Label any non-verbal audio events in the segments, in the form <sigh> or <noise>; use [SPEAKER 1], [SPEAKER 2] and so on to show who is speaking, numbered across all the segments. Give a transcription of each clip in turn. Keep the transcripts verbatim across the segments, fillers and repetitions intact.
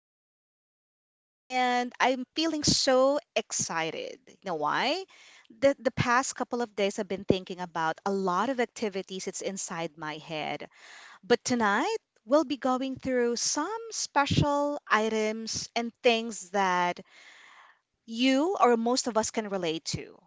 [SPEAKER 1] you tonight and I'm feeling so excited. You know why? The the past couple of days I've been thinking about a lot of activities it's inside my head. But tonight we'll be going through some special items and things that you or most of us can relate to,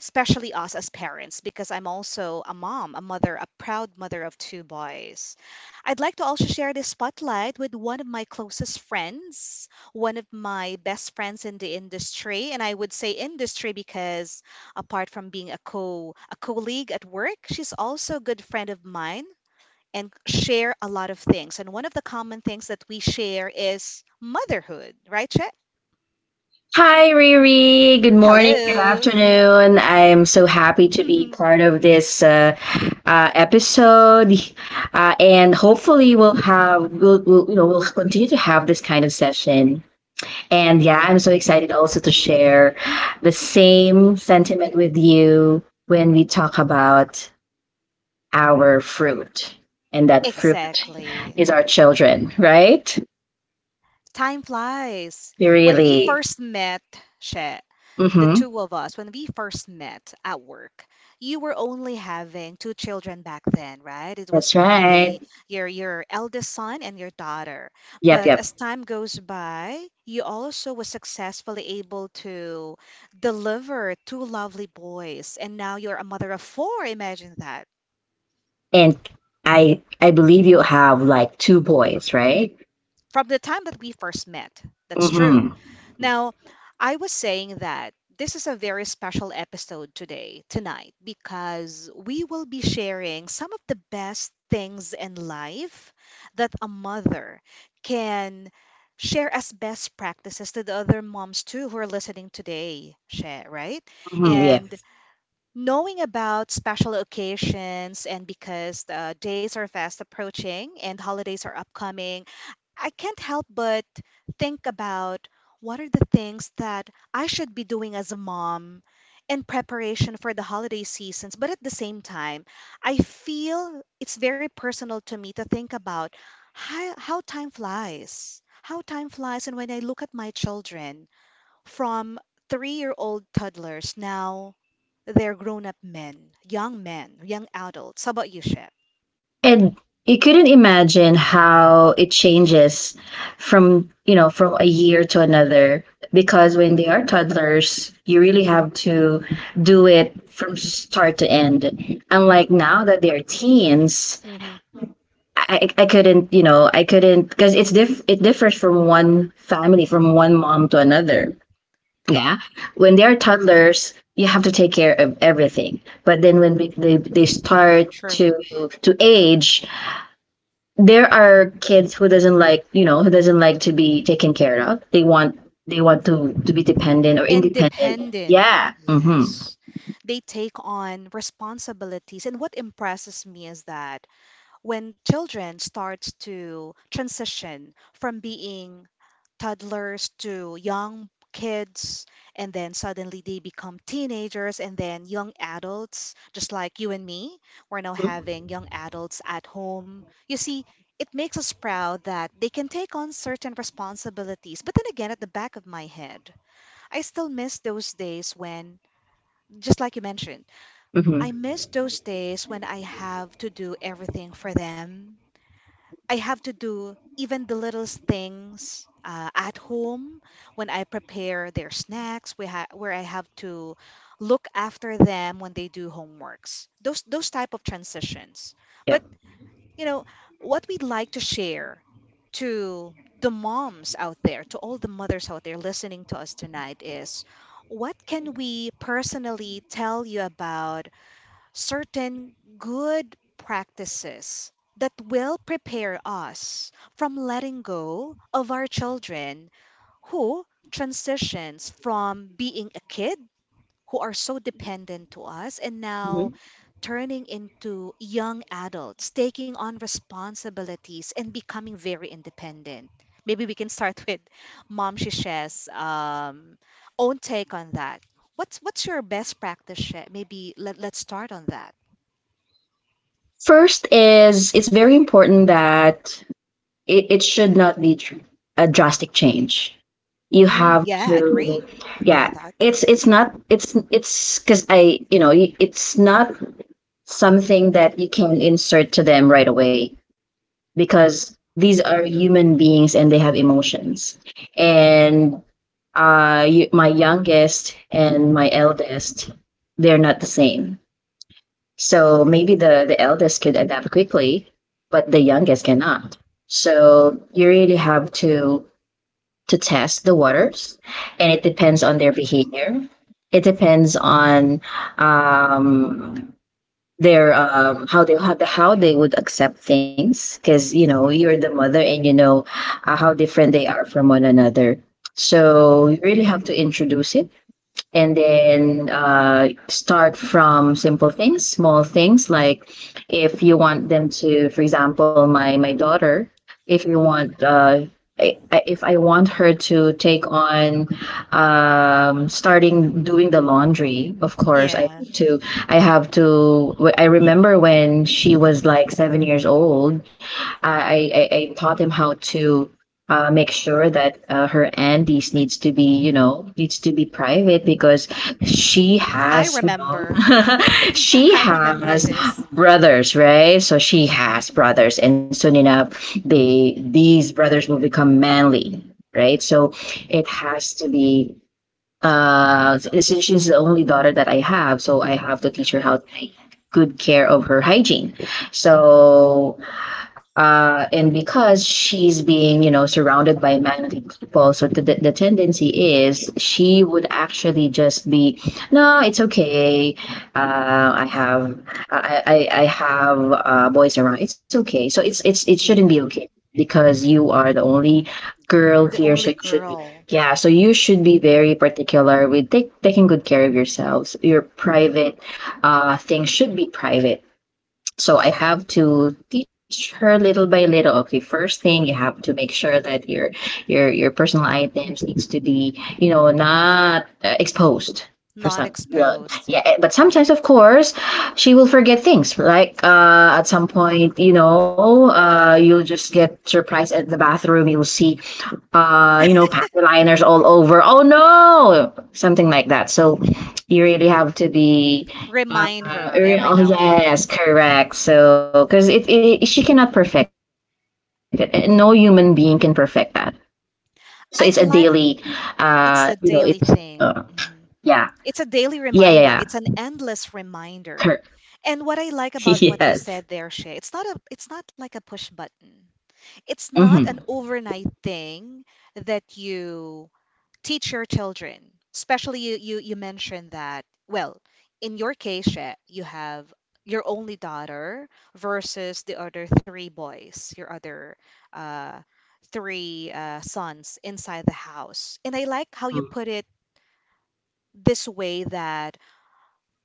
[SPEAKER 1] especially us as parents, because I'm also a mom, a mother, a proud mother of two boys. I'd like to also share this spotlight with one of my closest friends, one of my best friends in the industry, and I would say industry because apart from being a co a colleague at work, she's also a good friend of mine and share a lot of things. And one of the common things that we share is motherhood, right, Chet?
[SPEAKER 2] Hi, Riri. Good morning, good
[SPEAKER 1] Hello.
[SPEAKER 2] afternoon. I am so happy to be
[SPEAKER 1] <laughs>
[SPEAKER 2] part of this uh, uh, episode, uh, and hopefully we'll have we'll, we'll you know we'll continue to have this kind of session. And yeah, I'm so excited also to share the same sentiment with you when we talk about our fruit, and that fruit
[SPEAKER 1] Exactly.
[SPEAKER 2] is our children, right?
[SPEAKER 1] Time flies. When we
[SPEAKER 2] Really.
[SPEAKER 1] first met, she, the
[SPEAKER 2] Mm-hmm.
[SPEAKER 1] two of us, when we first met at work, you were only having two children back then, right? It was
[SPEAKER 2] That's
[SPEAKER 1] only
[SPEAKER 2] right.
[SPEAKER 1] your your eldest son and your daughter.
[SPEAKER 2] Yep,
[SPEAKER 1] But
[SPEAKER 2] yep.
[SPEAKER 1] as time goes by, you also was successfully able to deliver two lovely boys, and now you're a mother of four. Imagine that.
[SPEAKER 2] And I I believe you have like two boys, right?
[SPEAKER 1] From the time that we first met. That's true.
[SPEAKER 2] hmm
[SPEAKER 1] Now, I was saying that this is a very special episode today, tonight, because we will be sharing some of the best things in life that a mother can share as best practices to the other moms too who are listening today, Share, right?
[SPEAKER 2] hmm yeah.
[SPEAKER 1] And knowing about special occasions and because the days are fast approaching and holidays are upcoming, I can't help but think about what are the things that I should be doing as a mom in preparation for the holiday seasons. But at the same time, I feel it's very personal to me to think about how, how time flies. How time flies. And when I look at my children from three-year-old toddlers, now they're grown-up men, young men, young adults. How about you, Shep?
[SPEAKER 2] And you couldn't imagine how it changes from, you know, from a year to another because when they are toddlers, you really have to do it from start to end. Unlike now that they are teens,
[SPEAKER 1] hmm
[SPEAKER 2] I, I I couldn't, you know, I couldn't because it's diff it differs from one family, from one mom to another. Yeah. When they're toddlers, you have to take care of everything. But then when we, they they start
[SPEAKER 1] True.
[SPEAKER 2] to to age, there are kids who doesn't like, you know, who doesn't like to be taken care of. They want they want to to be dependent or independent.
[SPEAKER 1] Independent.
[SPEAKER 2] Yeah. Mhm.
[SPEAKER 1] Yes. They take on responsibilities. And what impresses me is that when children start to transition from being toddlers to young kids, and then suddenly they become teenagers and then young adults, just like you and me, we're now having young adults at home. You see, it makes us proud that they can take on certain responsibilities. But then again, at the back of my head, I still miss those days when, just like you mentioned, I
[SPEAKER 2] Mhm.
[SPEAKER 1] miss those days when I have to do everything for them. I have to do even the littlest things uh, at home when I prepare their snacks, we ha- where I have to look after them when they do homeworks. Those those type of transitions. But
[SPEAKER 2] Yep.
[SPEAKER 1] you know what we'd like to share to the moms out there, to all the mothers out there listening to us tonight is what can we personally tell you about certain good practices that will prepare us from letting go of our children who transitions from being a kid who are so dependent to us and now
[SPEAKER 2] Mhm.
[SPEAKER 1] turning into young adults, taking on responsibilities and becoming very independent. Maybe we can start <laughs> with Mom Shish's um, own take on that. What's what's your best practice, She? Maybe let, let's start on that.
[SPEAKER 2] First is it's very important that it, it should not be tr- a drastic change. You
[SPEAKER 1] Mm,
[SPEAKER 2] have to,
[SPEAKER 1] yeah, agree. Agree
[SPEAKER 2] yeah,
[SPEAKER 1] on that.
[SPEAKER 2] it's it's not it's it's because i you know it's not something that you can insert to them right away because these are human beings and they have emotions and uh you, my youngest and my eldest, they're not the same, so maybe the the eldest could adapt quickly but the youngest cannot, so you really have to to test the waters, and it depends on their
[SPEAKER 1] Correct. Hmm.
[SPEAKER 2] behavior. It depends on um, their, um, how they how, how they would accept things because you know you're the mother and you know uh, how different they are from one another. So you really have to introduce it and then uh, start from simple things, small things. Like if you want them to, for example, my my daughter, if you want, uh, if I want her to take on, um, starting doing the laundry, of course, I
[SPEAKER 1] Yeah,
[SPEAKER 2] have to. I have to. I remember when she was like seven years old, I I, I taught him how to, uh, make sure that uh, her aunties needs to be, you know, needs to be private because she
[SPEAKER 1] I
[SPEAKER 2] has, you know,
[SPEAKER 1] remember. Mhm.
[SPEAKER 2] <laughs>
[SPEAKER 1] <laughs>
[SPEAKER 2] she
[SPEAKER 1] I remember
[SPEAKER 2] has
[SPEAKER 1] this.
[SPEAKER 2] brothers, right? So she has brothers, and soon enough, they these brothers will become manly, right? So it has to be. Uh, since she's the only daughter that I have, so I have to teach her how
[SPEAKER 1] Correct.
[SPEAKER 2] to take good care of her hygiene. So, uh, and because she's being, you know, surrounded by manly people, so the, the tendency is she would actually just be, no, it's okay. Uh, I have, I, I, I have uh, boys around. It's okay. So it's, it's, it shouldn't be
[SPEAKER 1] Yeah.
[SPEAKER 2] okay because you are the only girl
[SPEAKER 1] The
[SPEAKER 2] here.
[SPEAKER 1] only
[SPEAKER 2] So you should be,
[SPEAKER 1] girl.
[SPEAKER 2] yeah. So you should be very particular with take, taking good care of yourselves. Your private uh, things should be private, so I have to teach her little by little. Okay, first thing, you have to make sure that your your your personal items needs to be, you know, not uh, exposed for
[SPEAKER 1] Not
[SPEAKER 2] some, you know,
[SPEAKER 1] exposed.
[SPEAKER 2] yeah. Eh, but
[SPEAKER 1] Mhm.
[SPEAKER 2] sometimes, of course, she will forget things. Like uh, at some point, you know, uh, you'll just get surprised at the bathroom. You'll see, uh, you know, pack liners all over. Oh no, something like that. So you really have to be. Uh,
[SPEAKER 1] Remind her every
[SPEAKER 2] oh
[SPEAKER 1] now and
[SPEAKER 2] yes,
[SPEAKER 1] then.
[SPEAKER 2] correct. So because it, it, she cannot perfect it. No human being can perfect that. So it's a daily,
[SPEAKER 1] I'd like
[SPEAKER 2] uh, you know, it's,
[SPEAKER 1] it's a
[SPEAKER 2] uh,
[SPEAKER 1] daily thing.
[SPEAKER 2] yeah,
[SPEAKER 1] Mhm.
[SPEAKER 2] yeah,
[SPEAKER 1] It's a
[SPEAKER 2] yeah, yeah.
[SPEAKER 1] daily reminder. It's an endless
[SPEAKER 2] Cor-
[SPEAKER 1] reminder. And what
[SPEAKER 2] <laughs>
[SPEAKER 1] I like about
[SPEAKER 2] yes.
[SPEAKER 1] what you said there, Shay, it's not a it's not like a push button. It's not
[SPEAKER 2] Mm-hmm.
[SPEAKER 1] an overnight thing that you teach your children, especially you you, you mentioned that well in your case Shay, you have your only daughter versus the other three boys, your other uh, three uh, sons inside the house. And I like how you put it this way, that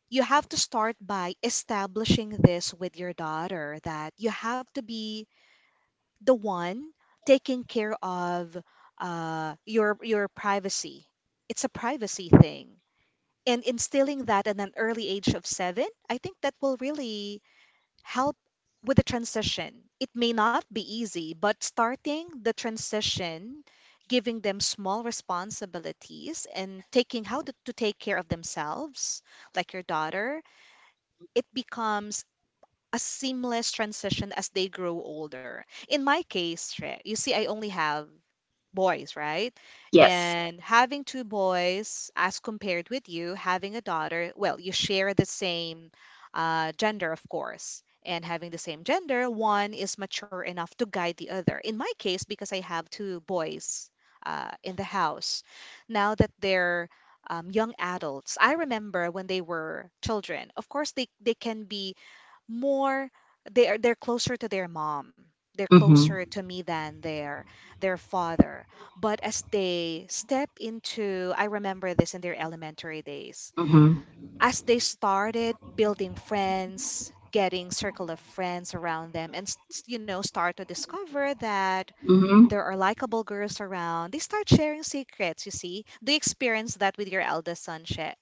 [SPEAKER 1] you have to start by establishing this with your daughter, that you have to be the one taking care of uh, your your privacy. It's a privacy thing, and instilling that at an early age of seven, I think that will really help with the transition. It may not be easy, but starting the transition, giving them small responsibilities and taking how to, to take care of themselves, like your daughter, it becomes a seamless transition as they grow older. In my case, Shre, you see, I only have boys, right? And
[SPEAKER 2] Yes.
[SPEAKER 1] having two boys, as compared with you having a daughter, well, you share the same uh, gender, of course. And having the same gender, one is mature enough to guide the other. In my case, because I have two boys uh, in the house, now that they're um, young adults, I remember when they were children. Of course, they, they can be more, they're they're closer to their mom, they're closer
[SPEAKER 2] Mm-hmm.
[SPEAKER 1] to me than their their father. But as they step into, I remember this in their elementary days,
[SPEAKER 2] Mm-hmm.
[SPEAKER 1] as they started building friends, getting circle of friends around them, and s- s- you know, start to discover that there
[SPEAKER 2] Mm-hmm.
[SPEAKER 1] are likable girls around, they start sharing secrets. You see, do you experience that with your eldest son Shay?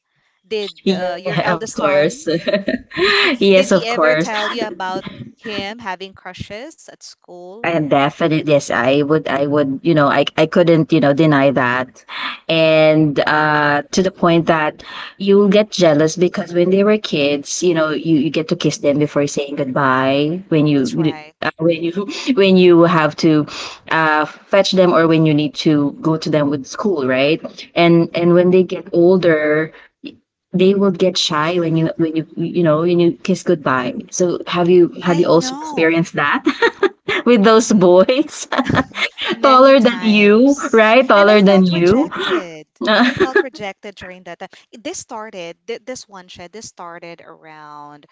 [SPEAKER 1] Did uh, your
[SPEAKER 2] Yeah, of
[SPEAKER 1] eldest son,
[SPEAKER 2] course. <laughs>
[SPEAKER 1] did
[SPEAKER 2] Yes,
[SPEAKER 1] he
[SPEAKER 2] of
[SPEAKER 1] ever
[SPEAKER 2] course.
[SPEAKER 1] tell you about him having crushes at school?
[SPEAKER 2] And definitely, yes, I would, I would, you know, I, I couldn't, you know, deny that. And uh, to the point that you'll get jealous because when they were kids, you know, you, you get to kiss them before saying goodbye. When
[SPEAKER 1] That's
[SPEAKER 2] you,
[SPEAKER 1] right.
[SPEAKER 2] uh, when you <laughs> when you have to, uh, fetch them or when you need to go to them with school, right? And and when they get older, they will get shy when you when you you know when you kiss goodbye. So have you have you
[SPEAKER 1] I
[SPEAKER 2] also
[SPEAKER 1] know.
[SPEAKER 2] experienced that <laughs> with those
[SPEAKER 1] M-
[SPEAKER 2] boys, <laughs>
[SPEAKER 1] Many
[SPEAKER 2] taller than you,
[SPEAKER 1] times.
[SPEAKER 2] right?
[SPEAKER 1] And I
[SPEAKER 2] Taller than
[SPEAKER 1] felt
[SPEAKER 2] you.
[SPEAKER 1] rejected. And I
[SPEAKER 2] <laughs>
[SPEAKER 1] felt rejected during that time. This started, thi- this one shed, this started around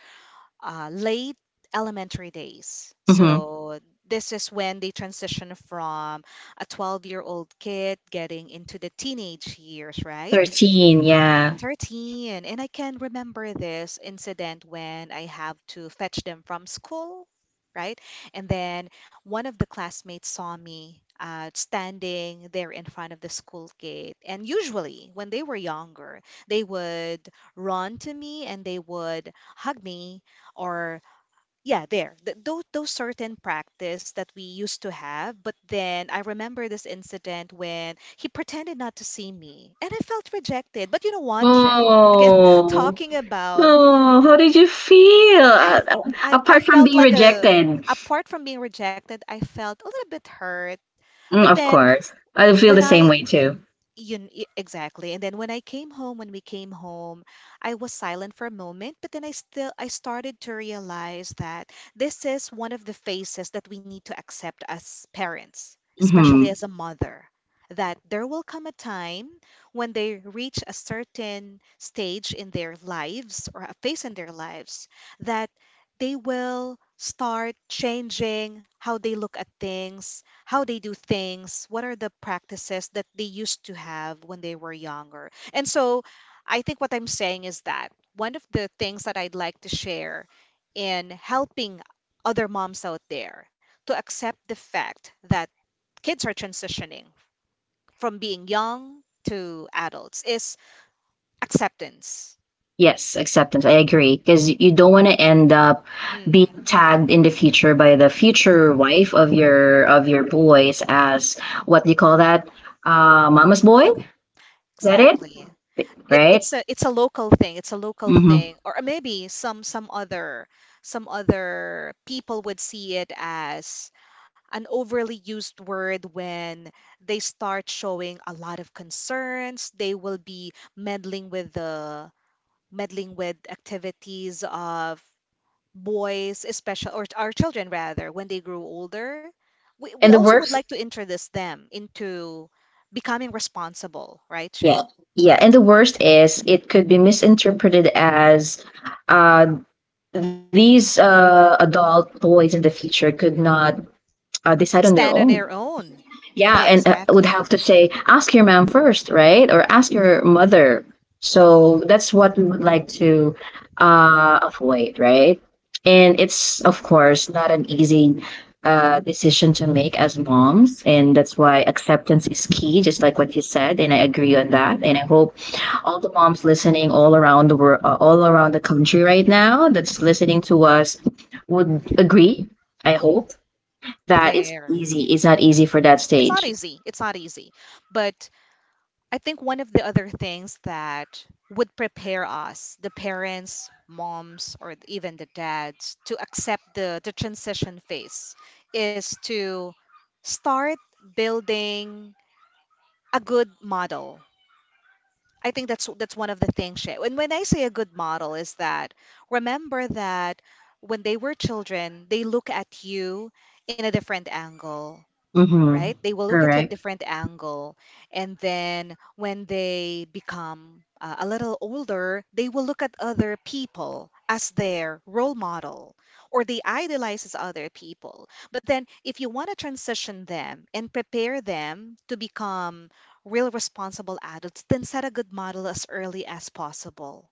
[SPEAKER 1] uh, late elementary days.
[SPEAKER 2] Mhm.
[SPEAKER 1] So this is when they transition from a twelve-year-old kid getting into the teenage years, right?
[SPEAKER 2] Thirteen, yeah.
[SPEAKER 1] thirteen. And I can remember this incident when I have to fetch them from school, right? And then one of the classmates saw me uh, standing there in front of the school gate. And usually, when they were younger, they would run to me and they would hug me, or yeah, there, Th- those those certain practice that we used to have. But then I remember this incident when he pretended not to see me and I felt rejected. But you know what, Che? Again, <laughs>
[SPEAKER 2] Oh,
[SPEAKER 1] talking about
[SPEAKER 2] oh, how did you feel?
[SPEAKER 1] I,
[SPEAKER 2] Uh, uh,
[SPEAKER 1] I i
[SPEAKER 2] apart from
[SPEAKER 1] felt
[SPEAKER 2] being
[SPEAKER 1] like a,
[SPEAKER 2] rejected,
[SPEAKER 1] apart from being rejected, I felt a little bit hurt.
[SPEAKER 2] mm,
[SPEAKER 1] But
[SPEAKER 2] of
[SPEAKER 1] then
[SPEAKER 2] course, I feel the
[SPEAKER 1] when
[SPEAKER 2] same
[SPEAKER 1] I
[SPEAKER 2] way too.
[SPEAKER 1] You, kn- y- exactly. And then when I came home, when we came home, I was silent for a moment. But then I still I started to realize that this is one of the phases that we need to accept as parents, especially
[SPEAKER 2] Hmm.
[SPEAKER 1] as a mother, that there will come a time when they reach a certain stage in their lives or a phase in their lives that they will start changing how they look at things, how they do things, what are the practices that they used to have when they were younger. And so I think what I'm saying is that one of the things that I'd like to share in helping other moms out there to accept the fact that kids are transitioning from being young to adults is acceptance.
[SPEAKER 2] Yes, acceptance. I agree. Because you don't want to end up
[SPEAKER 1] Mm,
[SPEAKER 2] being tagged in the future by the future wife of your of your boys as, what do you call that? Uh, mama's boy? Is that it?
[SPEAKER 1] exactly. it,
[SPEAKER 2] Right?
[SPEAKER 1] it's a, it's a local thing, it's a local
[SPEAKER 2] Mm-hmm.
[SPEAKER 1] thing, or maybe some some other, some other people would see it as an overly used word when they start showing a lot of concerns. They will be meddling with the, meddling with activities of boys especially, or our children rather, when they grow older, we, we
[SPEAKER 2] And the
[SPEAKER 1] also would
[SPEAKER 2] worst,
[SPEAKER 1] like to introduce them into becoming responsible, right Che?
[SPEAKER 2] yeah, yeah. And the worst is it could be misinterpreted as, uh, these uh, adult boys in the future could not uh, decide on their
[SPEAKER 1] Stand on
[SPEAKER 2] own.
[SPEAKER 1] their own.
[SPEAKER 2] Yeah,
[SPEAKER 1] They
[SPEAKER 2] and uh, would have
[SPEAKER 1] exactly
[SPEAKER 2] to say, ask your mom first, right? Or ask your mother. So that's what we would like to, uh, avoid, right? And it's, of course, not an easy uh, decision to make as moms. And that's why acceptance is key, just like what you said. And I agree on that. And I hope all the moms listening all around the world, uh, all around the country right now that's listening to us, would agree. I hope that is
[SPEAKER 1] there.
[SPEAKER 2] easy. It's not easy for that
[SPEAKER 1] It's not
[SPEAKER 2] stage.
[SPEAKER 1] easy. It's not easy. But I think one of the other things that would prepare us, the parents, moms, or even the dads, to accept the, the transition phase is to start building a good model. I think that's that's one of the things. Shay. And when I say a good model is that remember that when they were children, they look at you in a different angle,
[SPEAKER 2] Mm-hmm.
[SPEAKER 1] right? They will look at you at
[SPEAKER 2] Correct.
[SPEAKER 1] different angle. And then when they become uh, a little older, they will look at other people as their role model or they idolize as other people. But then if you want to transition them and prepare them to become real responsible adults, then set a good model as early as possible.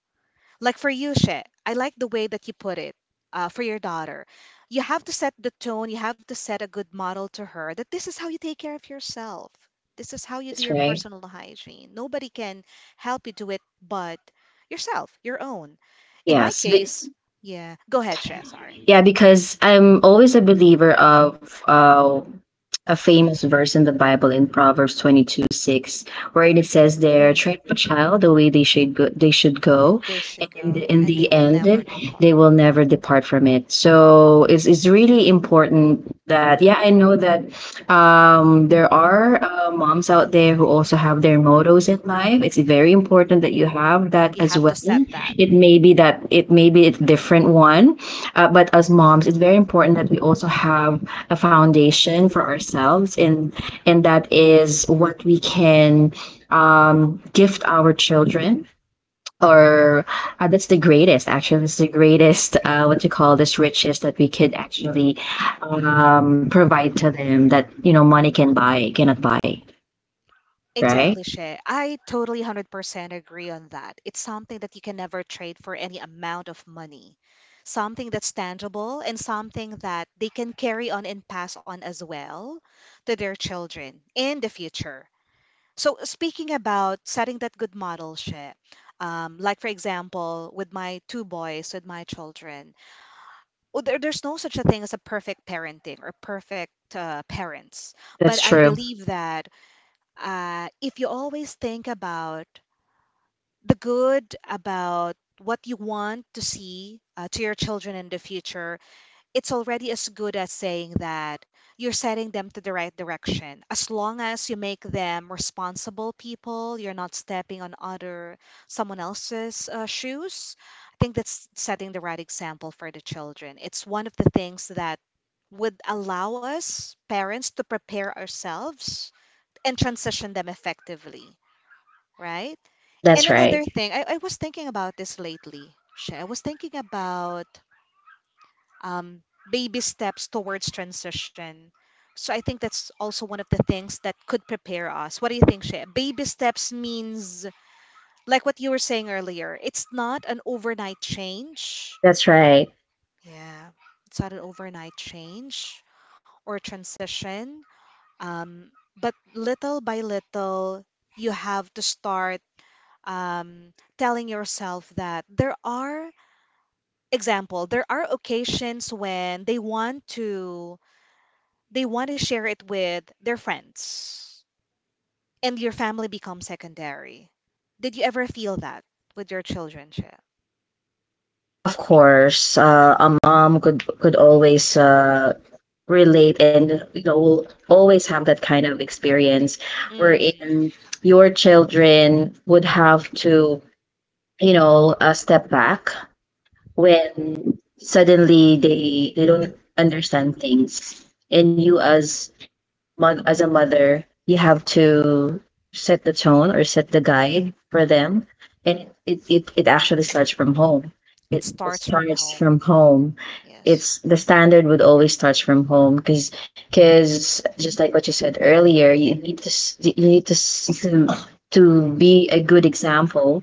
[SPEAKER 1] Like for you, She, I like the way that you put it uh, for your daughter. You have to set the tone, you have to set a good model to her that this is how you take care of yourself. This is how you do
[SPEAKER 2] That's
[SPEAKER 1] your
[SPEAKER 2] right.
[SPEAKER 1] personal hygiene. Nobody can help you do it but yourself, your own. In my
[SPEAKER 2] Yes. But,
[SPEAKER 1] case, yeah, go ahead, She, sorry.
[SPEAKER 2] yeah, because I'm always a believer of uh, a famous verse in the Bible in Proverbs twenty-two six, wherein it says there,
[SPEAKER 1] Mhm.
[SPEAKER 2] train up a child the way they should go, they should go,
[SPEAKER 1] They should
[SPEAKER 2] and
[SPEAKER 1] go
[SPEAKER 2] in
[SPEAKER 1] and they
[SPEAKER 2] the
[SPEAKER 1] will
[SPEAKER 2] end,
[SPEAKER 1] never
[SPEAKER 2] they
[SPEAKER 1] depart.
[SPEAKER 2] will never depart from it. So it's, it's really important that, yeah, I know that um, there are uh, moms out there who also have their mottos in life. It's very important that you have that
[SPEAKER 1] You
[SPEAKER 2] as
[SPEAKER 1] have to
[SPEAKER 2] well.
[SPEAKER 1] set that.
[SPEAKER 2] It may be that it may be a different one, uh, but as moms, it's very important that we also have a foundation for ourselves, and and that is what we can, um, gift our children, or uh, that's the greatest, actually, that's the greatest uh, what you call this, riches that we could actually, um, provide to them, that you know money can buy cannot buy, right?
[SPEAKER 1] Exactly, Shay. I totally one hundred percent agree on that. It's something that you can never trade for any amount of money. Something that's tangible and something that they can carry on and pass on as well to their children in the future. So, speaking about setting that good model, Shay, um, like for example, with my two boys, with my children, well, there, there's no such a thing as a perfect parenting or perfect uh, parents.
[SPEAKER 2] That's
[SPEAKER 1] But I
[SPEAKER 2] true.
[SPEAKER 1] believe that uh, if you always think about the good, about what you want to see uh, to your children in the future, it's already as good as saying that you're setting them to the right direction. As long as you make them responsible people, you're not stepping on other someone else's uh, shoes. I think that's setting the right example for the children. It's one of the things that would allow us parents to prepare ourselves and transition them effectively, right? And
[SPEAKER 2] That's right.
[SPEAKER 1] another thing, I, I was thinking about this lately. Shay. I was thinking about um, baby steps towards transition. So I think that's also one of the things that could prepare us. What do you think, Shay? Baby steps means, like what you were saying earlier, it's not an overnight change.
[SPEAKER 2] That's right.
[SPEAKER 1] Yeah, it's not an overnight change or transition. Um, but little by little, you have to start um, telling yourself that there are example there are occasions when they want to they want to share it with their friends and your family becomes secondary. Did you ever feel that with your children, Shea?
[SPEAKER 2] Of course, uh, a mom could could always, uh, relate and you know will always have that kind of experience
[SPEAKER 1] Mm.
[SPEAKER 2] wherein your children would have to, you know, uh, step back when suddenly they they don't understand things, and you as as a mother, you have to set the tone or set the guide for them. And it, it, it actually starts from home.
[SPEAKER 1] It
[SPEAKER 2] It
[SPEAKER 1] starts from
[SPEAKER 2] starts
[SPEAKER 1] home.
[SPEAKER 2] from home.
[SPEAKER 1] Yes.
[SPEAKER 2] It's the standard, would always start from home because just like what you said earlier, you need to s- you need to s- to, to be a good example.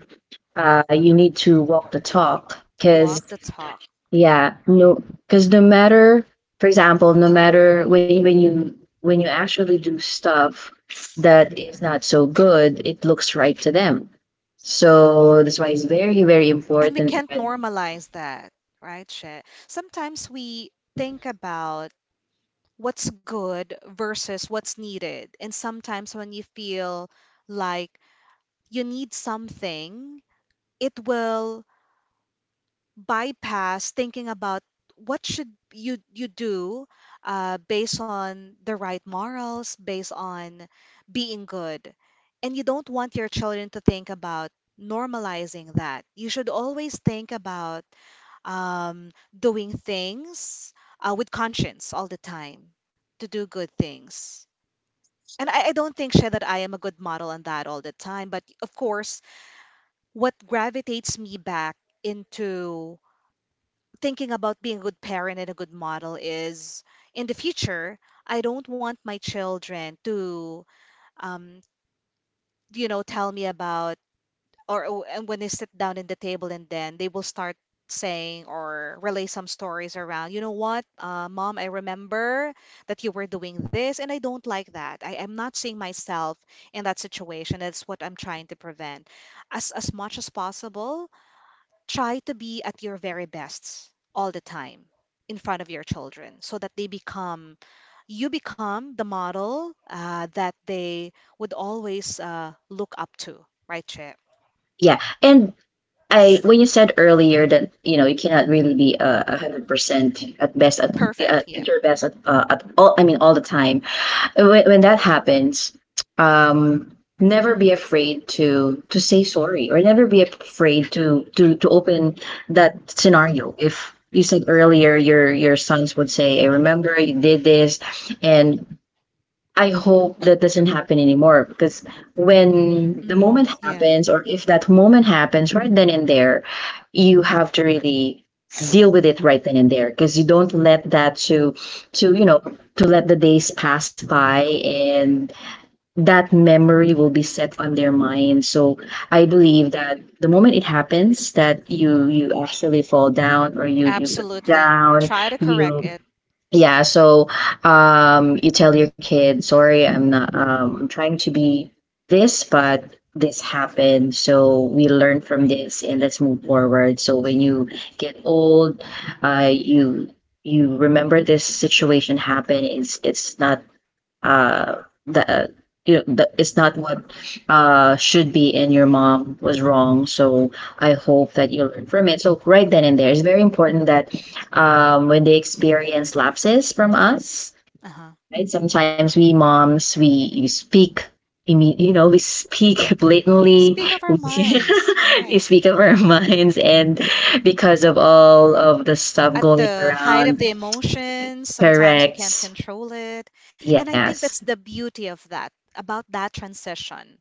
[SPEAKER 2] Uh, you need to walk the talk
[SPEAKER 1] Walk
[SPEAKER 2] because,
[SPEAKER 1] the talk. Yeah.
[SPEAKER 2] yeah, no, because no matter, for example, no matter when when you, when you actually do stuff that is not so good, it looks right to them. So that's why it's very, very
[SPEAKER 1] And we
[SPEAKER 2] important
[SPEAKER 1] can't
[SPEAKER 2] that,
[SPEAKER 1] normalize that, right, Shea? Sometimes we
[SPEAKER 2] mhm.
[SPEAKER 1] think about what's good versus what's needed. And sometimes when you feel like you need something, it will bypass thinking about what should you you do uh, based on the right morals, based on being good. And you don't want your children to think about normalizing that. You should always think about um, doing things uh, with conscience all the time to do good things. And I, I don't think, Shay, that I am a good model on that all the time. But of course, what gravitates me back into thinking about being a good parent and a good model is, in the future, I don't want my children to, um, you know, tell me about or uh, and when they sit down in the table and then they will start saying or relay some stories around, you know what, uh, Mom, I remember that you were doing this and I don't like that. I am not seeing myself in that situation. That's what I'm trying to prevent as as much as possible. Try to be at your very best all the time in front of your children so that they become you become the model uh, that they would always uh, look up to, right, Che?
[SPEAKER 2] Yeah, and I, when you said earlier that you know you cannot really be, uh, a hundred percent at best at,
[SPEAKER 1] Perfect,
[SPEAKER 2] at
[SPEAKER 1] yeah.
[SPEAKER 2] at your best at, uh, at all. I mean all the time, when, when that happens, um, never be afraid to to say sorry, or never be afraid to to to open that scenario. If you said earlier your your sons would say, I remember you did this, and I hope that doesn't happen anymore. Because when the
[SPEAKER 1] Mm,
[SPEAKER 2] moment
[SPEAKER 1] yeah,
[SPEAKER 2] happens, or if that moment happens right then and there, you have to really deal with it right then and there, because you don't let that to to you know, to let the days pass by and that memory will be set on their mind. So I believe that the moment it happens, that you you actually fall down or you you break
[SPEAKER 1] absolutely.
[SPEAKER 2] down,
[SPEAKER 1] Try to correct
[SPEAKER 2] you,
[SPEAKER 1] it.
[SPEAKER 2] yeah,
[SPEAKER 1] Yeah.
[SPEAKER 2] so, um, you tell your kid, sorry, I'm not, um, I'm trying to be this, but this happened. So we learn from this and let's move forward. So when you get old, uh, you, you remember this situation happened. It's it's not, uh the you know the, it's not what uh should be, and your mom was wrong. So I hope that you learn from it. So right then and there, it's very important that, um, when they experience lapses from us.
[SPEAKER 1] Uh-huh.
[SPEAKER 2] Right? Sometimes we moms we, we speak, you know, we speak blatantly
[SPEAKER 1] Speak of
[SPEAKER 2] <laughs>
[SPEAKER 1] our minds,
[SPEAKER 2] we
[SPEAKER 1] right?
[SPEAKER 2] speak of our <laughs> minds and because of all of the stuff
[SPEAKER 1] At
[SPEAKER 2] going
[SPEAKER 1] the height of
[SPEAKER 2] around,
[SPEAKER 1] the emotions, sometimes we can't
[SPEAKER 2] correct,
[SPEAKER 1] control it. And I think
[SPEAKER 2] yes,
[SPEAKER 1] that's the beauty of that, about that transition.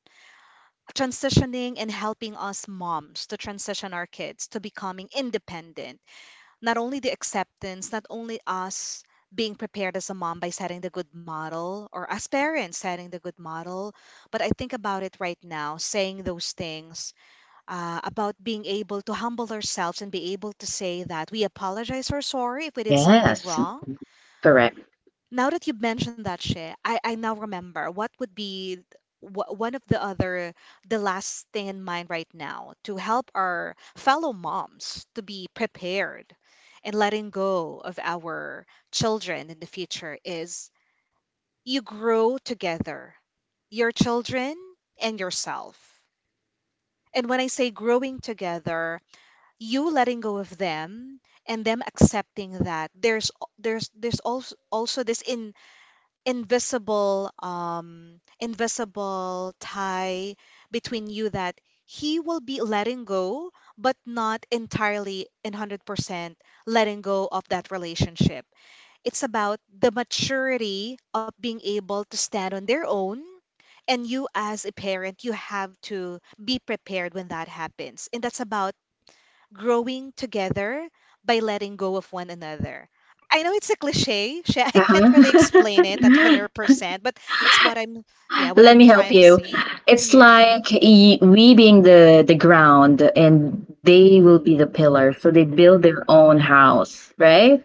[SPEAKER 1] Transitioning and helping us moms to transition our kids to becoming independent, not only the acceptance, not only us being prepared as a mom by setting the good model or as parents setting the good model, but I think about it right now, saying those things uh, about being able to humble ourselves and be able to say that we apologize or sorry if we did something
[SPEAKER 2] yes,
[SPEAKER 1] wrong.
[SPEAKER 2] correct,
[SPEAKER 1] Now that you've mentioned that, Shay, I, I now remember what would be wh- one of the other, the last thing in mind right now to help our fellow moms to be prepared and letting go of our children in the future is you grow together, your children and yourself. And when I say growing together, you letting go of them and them accepting that there's there's there's also also this in invisible um invisible tie between you that he will be letting go but not entirely and one hundred percent letting go of that relationship. It's about the maturity of being able to stand on their own. And you as a parent, you have to be prepared when that happens. And that's about growing together by letting go of one another. I know it's a cliche. <laughs> Shay, I can't really explain it at
[SPEAKER 2] uh-huh. <laughs>
[SPEAKER 1] one hundred percent, but that's what I'm, yeah,
[SPEAKER 2] Let
[SPEAKER 1] what
[SPEAKER 2] me
[SPEAKER 1] I'm
[SPEAKER 2] help
[SPEAKER 1] trying to
[SPEAKER 2] you.
[SPEAKER 1] say.
[SPEAKER 2] It's
[SPEAKER 1] Yeah.
[SPEAKER 2] like y- we being the the ground and they will be the pillar. So they build their own house, right?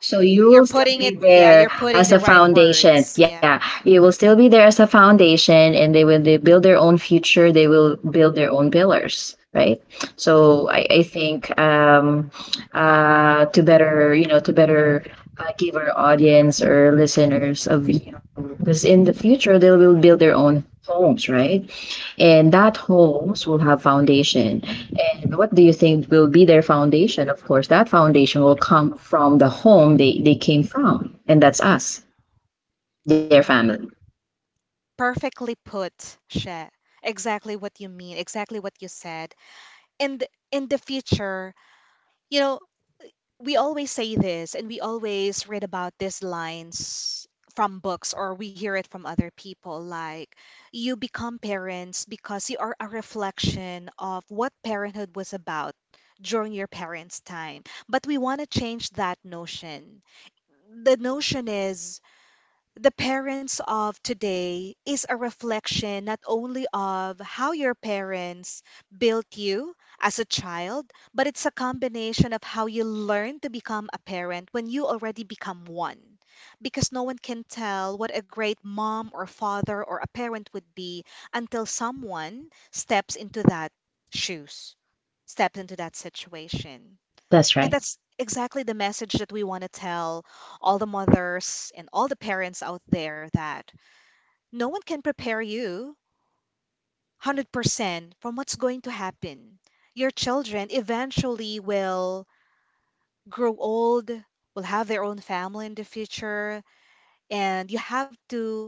[SPEAKER 2] So you
[SPEAKER 1] You're
[SPEAKER 2] will still
[SPEAKER 1] putting it,
[SPEAKER 2] be
[SPEAKER 1] yeah,
[SPEAKER 2] there
[SPEAKER 1] you're putting
[SPEAKER 2] as
[SPEAKER 1] the
[SPEAKER 2] a
[SPEAKER 1] right
[SPEAKER 2] foundation.
[SPEAKER 1] words. Yeah.
[SPEAKER 2] Yeah, you will still be there as a foundation, and they will they build their own future. They will build their own pillars, right? So I, I think um, uh, to better you know to better uh, give our audience or listeners of you because in the future they will build their own homes, right? And that homes will have foundation. And what do you think will be their foundation? Of course, that foundation will come from the home they, they came from, and that's us, their family.
[SPEAKER 1] Perfectly put, Shay. Exactly what you mean, exactly what you said. And in the future, you know, we always say this and we always read about these lines from books or we hear it from other people like you become parents because you are a reflection of what parenthood was about during your parents' time. But we want to change that notion. The notion is the parents of today is a reflection not only of how your parents built you as a child, but it's a combination of how you learn to become a parent when you already become one. Because no one can tell what a great mom or father or a parent would be until someone steps into that shoes, steps into that situation.
[SPEAKER 2] That's right.
[SPEAKER 1] And that's exactly the message that we want to tell all the mothers and all the parents out there that no one can prepare you one hundred percent from what's going to happen. Your children eventually will grow old, will have their own family in the future, and you have to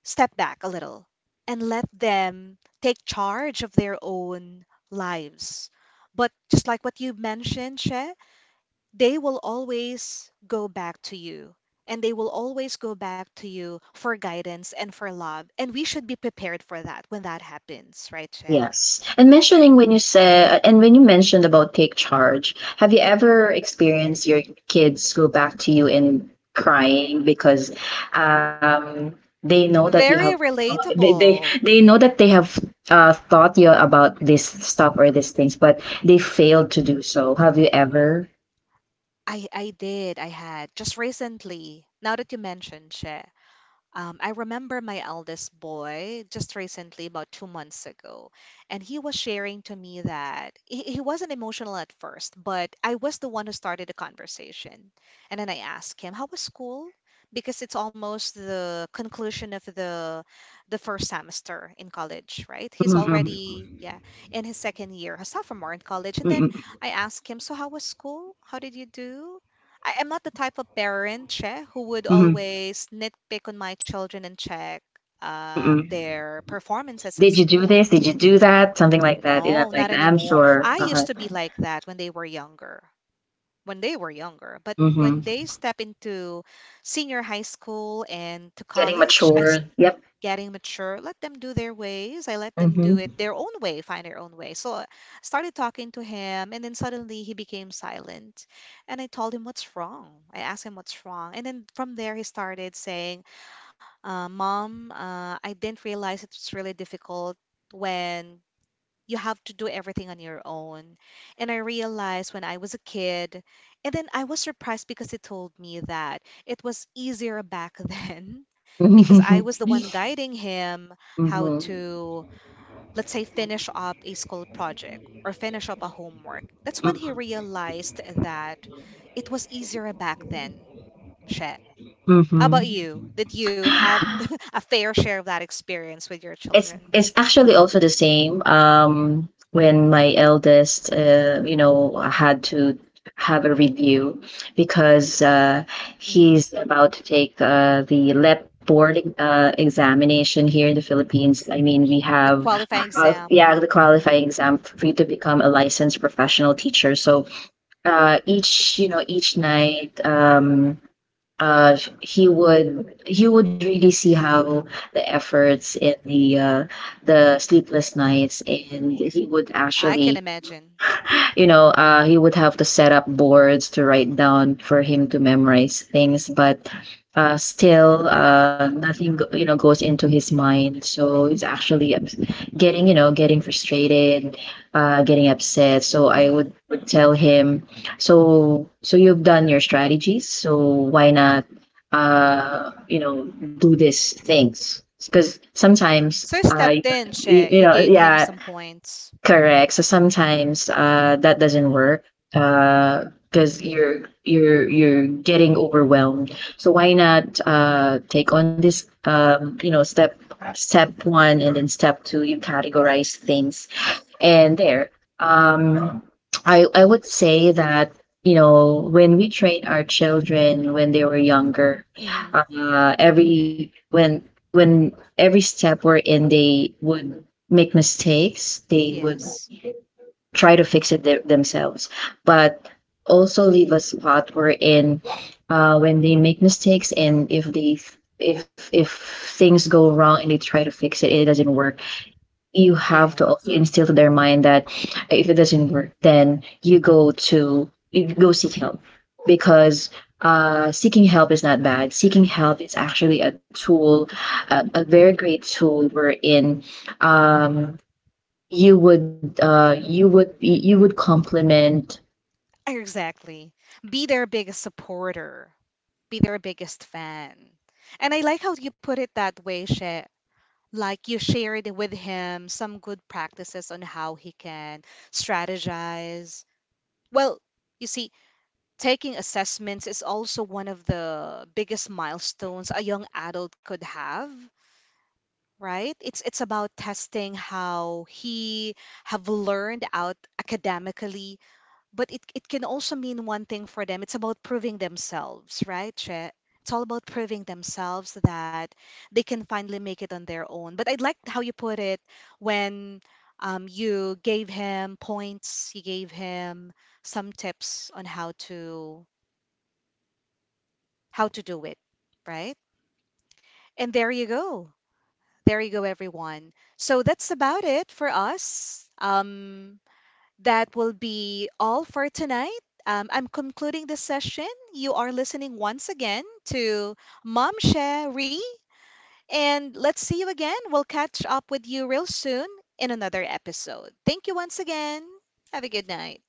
[SPEAKER 1] step back a little and let them take charge of their own lives. But just like what you mentioned, Che, they will always go back to you and they will always go back to you for guidance and for love, and we should be prepared for that when that happens, right, Che?
[SPEAKER 2] Yes. And mentioning when you said, uh, and when you mentioned about take charge, have you ever experienced your kids go back to you and crying because um, they know that you have,
[SPEAKER 1] Very
[SPEAKER 2] they, they,
[SPEAKER 1] relatable.
[SPEAKER 2] they know that they have uh, thought you about this stuff or these things, but they failed to do so. Have you ever?
[SPEAKER 1] I i did. I had just recently, now that you mentioned, Che. Um, I remember my eldest boy just recently, about two months ago, and he was sharing to me that he, he wasn't emotional at first, but I was the one who started the conversation. And then I asked him, "How was school?" Because it's almost the conclusion of the the first semester in college, right? He's
[SPEAKER 2] Mm-mm,
[SPEAKER 1] already, yeah, in his second year, a sophomore in college. And then
[SPEAKER 2] mm-mm,
[SPEAKER 1] I asked him, "So how was school? How did you do?" I am not the type of parent, Che, who would
[SPEAKER 2] mm-mm,
[SPEAKER 1] always nitpick on my children and check uh,
[SPEAKER 2] mm-mm.
[SPEAKER 1] their performances
[SPEAKER 2] Did
[SPEAKER 1] at
[SPEAKER 2] you do this?
[SPEAKER 1] school.
[SPEAKER 2] Did you do that? Something like that. You know,
[SPEAKER 1] No, not
[SPEAKER 2] like I'm
[SPEAKER 1] anymore.
[SPEAKER 2] sure.
[SPEAKER 1] I
[SPEAKER 2] Uh-huh.
[SPEAKER 1] used to be like that when they were younger. When they were younger, but when
[SPEAKER 2] Mm-hmm.
[SPEAKER 1] they step into senior high school and to
[SPEAKER 2] Getting
[SPEAKER 1] college, I
[SPEAKER 2] mature.
[SPEAKER 1] getting mature. Let them do their ways. I let them do it
[SPEAKER 2] Yep.
[SPEAKER 1] their own way, find their own way. So I started talking to him, and then suddenly he became silent. And I told him what's wrong. I asked him what's wrong. And then from there, he started saying, uh, Mom, uh, I didn't realize it's really difficult when you have to do everything on your own. And I realized when I was a kid, and then I was surprised because he told me that it was easier back <laughs> then because I
[SPEAKER 2] Mhm.
[SPEAKER 1] was the one guiding him how
[SPEAKER 2] Mhm.
[SPEAKER 1] to, let's say, finish up a school project or finish up a homework. That's when he realized that it was easier back then. Shit. How about
[SPEAKER 2] Mhm.
[SPEAKER 1] you? Did you have <laughs> a fair share of that experience with your
[SPEAKER 2] It's
[SPEAKER 1] children?
[SPEAKER 2] it's actually also the same. Um, when my eldest, uh, you know, had to have a review because uh,
[SPEAKER 1] Mm.
[SPEAKER 2] he's about to take uh, the L E T board uh, examination here in the Philippines. I mean, we
[SPEAKER 1] The
[SPEAKER 2] have
[SPEAKER 1] qualifying
[SPEAKER 2] uh, yeah the
[SPEAKER 1] exam. Hmm.
[SPEAKER 2] qualifying exam for you to become a licensed professional teacher. So uh, each you know each night. Um, uh, he would he would really see how the efforts and the uh, the sleepless nights and he would
[SPEAKER 1] I
[SPEAKER 2] actually
[SPEAKER 1] can imagine.
[SPEAKER 2] you know, uh, he would have to set up boards to write down for him to memorize things, but uh, still, uh, nothing, you know, goes into his mind. So he's actually ups- getting, you know, getting frustrated, uh, getting upset. So I
[SPEAKER 1] Hmm.
[SPEAKER 2] would would tell him, so, so you've done your strategies, so why not, uh, you know, do these things? Because sometimes,
[SPEAKER 1] Sir
[SPEAKER 2] uh,
[SPEAKER 1] stepped in,
[SPEAKER 2] you,
[SPEAKER 1] She.
[SPEAKER 2] you
[SPEAKER 1] You
[SPEAKER 2] know,
[SPEAKER 1] gave him
[SPEAKER 2] yeah,
[SPEAKER 1] some points.
[SPEAKER 2] correct. So sometimes uh, that doesn't work because you're you're you're getting overwhelmed. So why not uh, take on this um, you know step step one and then step two you categorize things and there um, I I would say that you know when we train our children when they were younger
[SPEAKER 1] Hmm.
[SPEAKER 2] uh, every when when every step we're in they would make mistakes they would
[SPEAKER 1] Yes.
[SPEAKER 2] try to fix it th- themselves, but also leave a spot wherein uh, when they make mistakes and if they if if things go wrong and they try to fix it it doesn't work, you have
[SPEAKER 1] Yeah.
[SPEAKER 2] to also instill to their mind that if it doesn't work, then you go to you go seek help because uh, seeking help is not bad. Seeking help is actually a tool, a, a very great tool wherein um, you would uh you would be you would compliment uh your your
[SPEAKER 1] Exactly. Be
[SPEAKER 2] partner
[SPEAKER 1] their biggest
[SPEAKER 2] your not just your
[SPEAKER 1] supporter.
[SPEAKER 2] partner but your
[SPEAKER 1] Be their
[SPEAKER 2] your
[SPEAKER 1] biggest
[SPEAKER 2] your
[SPEAKER 1] fan.
[SPEAKER 2] parents
[SPEAKER 1] And
[SPEAKER 2] your
[SPEAKER 1] I like
[SPEAKER 2] your
[SPEAKER 1] how you
[SPEAKER 2] s-
[SPEAKER 1] put
[SPEAKER 2] other
[SPEAKER 1] it that
[SPEAKER 2] siblings
[SPEAKER 1] way,
[SPEAKER 2] like
[SPEAKER 1] She.
[SPEAKER 2] that so yeah it,
[SPEAKER 1] Like you
[SPEAKER 2] it
[SPEAKER 1] shared
[SPEAKER 2] here
[SPEAKER 1] with
[SPEAKER 2] in our
[SPEAKER 1] him some
[SPEAKER 2] home
[SPEAKER 1] good
[SPEAKER 2] if
[SPEAKER 1] practices on how he
[SPEAKER 2] uh of
[SPEAKER 1] can
[SPEAKER 2] course uh, I'm
[SPEAKER 1] strategize.
[SPEAKER 2] busy <laughs>
[SPEAKER 1] Well, you
[SPEAKER 2] uh
[SPEAKER 1] see,
[SPEAKER 2] uh,
[SPEAKER 1] taking
[SPEAKER 2] with a lot of things.
[SPEAKER 1] assessments is
[SPEAKER 2] So
[SPEAKER 1] also
[SPEAKER 2] of
[SPEAKER 1] one
[SPEAKER 2] course
[SPEAKER 1] of
[SPEAKER 2] they, he
[SPEAKER 1] the
[SPEAKER 2] has
[SPEAKER 1] biggest
[SPEAKER 2] siblings. So if
[SPEAKER 1] milestones a young
[SPEAKER 2] things doesn't
[SPEAKER 1] adult could
[SPEAKER 2] go
[SPEAKER 1] have.
[SPEAKER 2] well, he would seek
[SPEAKER 1] Right? It's
[SPEAKER 2] help
[SPEAKER 1] it's about
[SPEAKER 2] with his
[SPEAKER 1] testing
[SPEAKER 2] siblings. So that's
[SPEAKER 1] how
[SPEAKER 2] good thing about
[SPEAKER 1] he
[SPEAKER 2] having a
[SPEAKER 1] have
[SPEAKER 2] sibling, right?
[SPEAKER 1] learned out
[SPEAKER 2] So with you,
[SPEAKER 1] academically,
[SPEAKER 2] with, with your
[SPEAKER 1] but
[SPEAKER 2] two
[SPEAKER 1] it, it
[SPEAKER 2] boys,
[SPEAKER 1] can
[SPEAKER 2] so
[SPEAKER 1] also mean
[SPEAKER 2] uh,
[SPEAKER 1] one thing for them.
[SPEAKER 2] I
[SPEAKER 1] It's
[SPEAKER 2] hope
[SPEAKER 1] about
[SPEAKER 2] that
[SPEAKER 1] proving
[SPEAKER 2] I'm sure they would
[SPEAKER 1] themselves,
[SPEAKER 2] also do the
[SPEAKER 1] right,
[SPEAKER 2] same.
[SPEAKER 1] Che?
[SPEAKER 2] But if
[SPEAKER 1] It's all about proving
[SPEAKER 2] if they no
[SPEAKER 1] themselves
[SPEAKER 2] longer
[SPEAKER 1] that
[SPEAKER 2] have
[SPEAKER 1] they can
[SPEAKER 2] plan
[SPEAKER 1] finally
[SPEAKER 2] B,
[SPEAKER 1] make it on
[SPEAKER 2] plan
[SPEAKER 1] their
[SPEAKER 2] C,
[SPEAKER 1] own. But I'd
[SPEAKER 2] plan
[SPEAKER 1] like
[SPEAKER 2] D, I'm
[SPEAKER 1] how you
[SPEAKER 2] sure they're
[SPEAKER 1] put
[SPEAKER 2] gonna
[SPEAKER 1] it
[SPEAKER 2] go to to you,
[SPEAKER 1] when um,
[SPEAKER 2] Riri, right?
[SPEAKER 1] you gave him
[SPEAKER 2] So
[SPEAKER 1] points, you
[SPEAKER 2] that's
[SPEAKER 1] gave
[SPEAKER 2] very
[SPEAKER 1] him
[SPEAKER 2] important in
[SPEAKER 1] some
[SPEAKER 2] establishing that
[SPEAKER 1] tips on how
[SPEAKER 2] kind of
[SPEAKER 1] to
[SPEAKER 2] uh,
[SPEAKER 1] how to do it, right? And there you go. There you go, everyone. So that's about it for us. Um, that will be all for tonight. Um, I'm concluding this session. You are listening once again to Mom Sherry, and let's see you again. We'll catch up with you real soon in another episode. Thank you once again. Have a good night.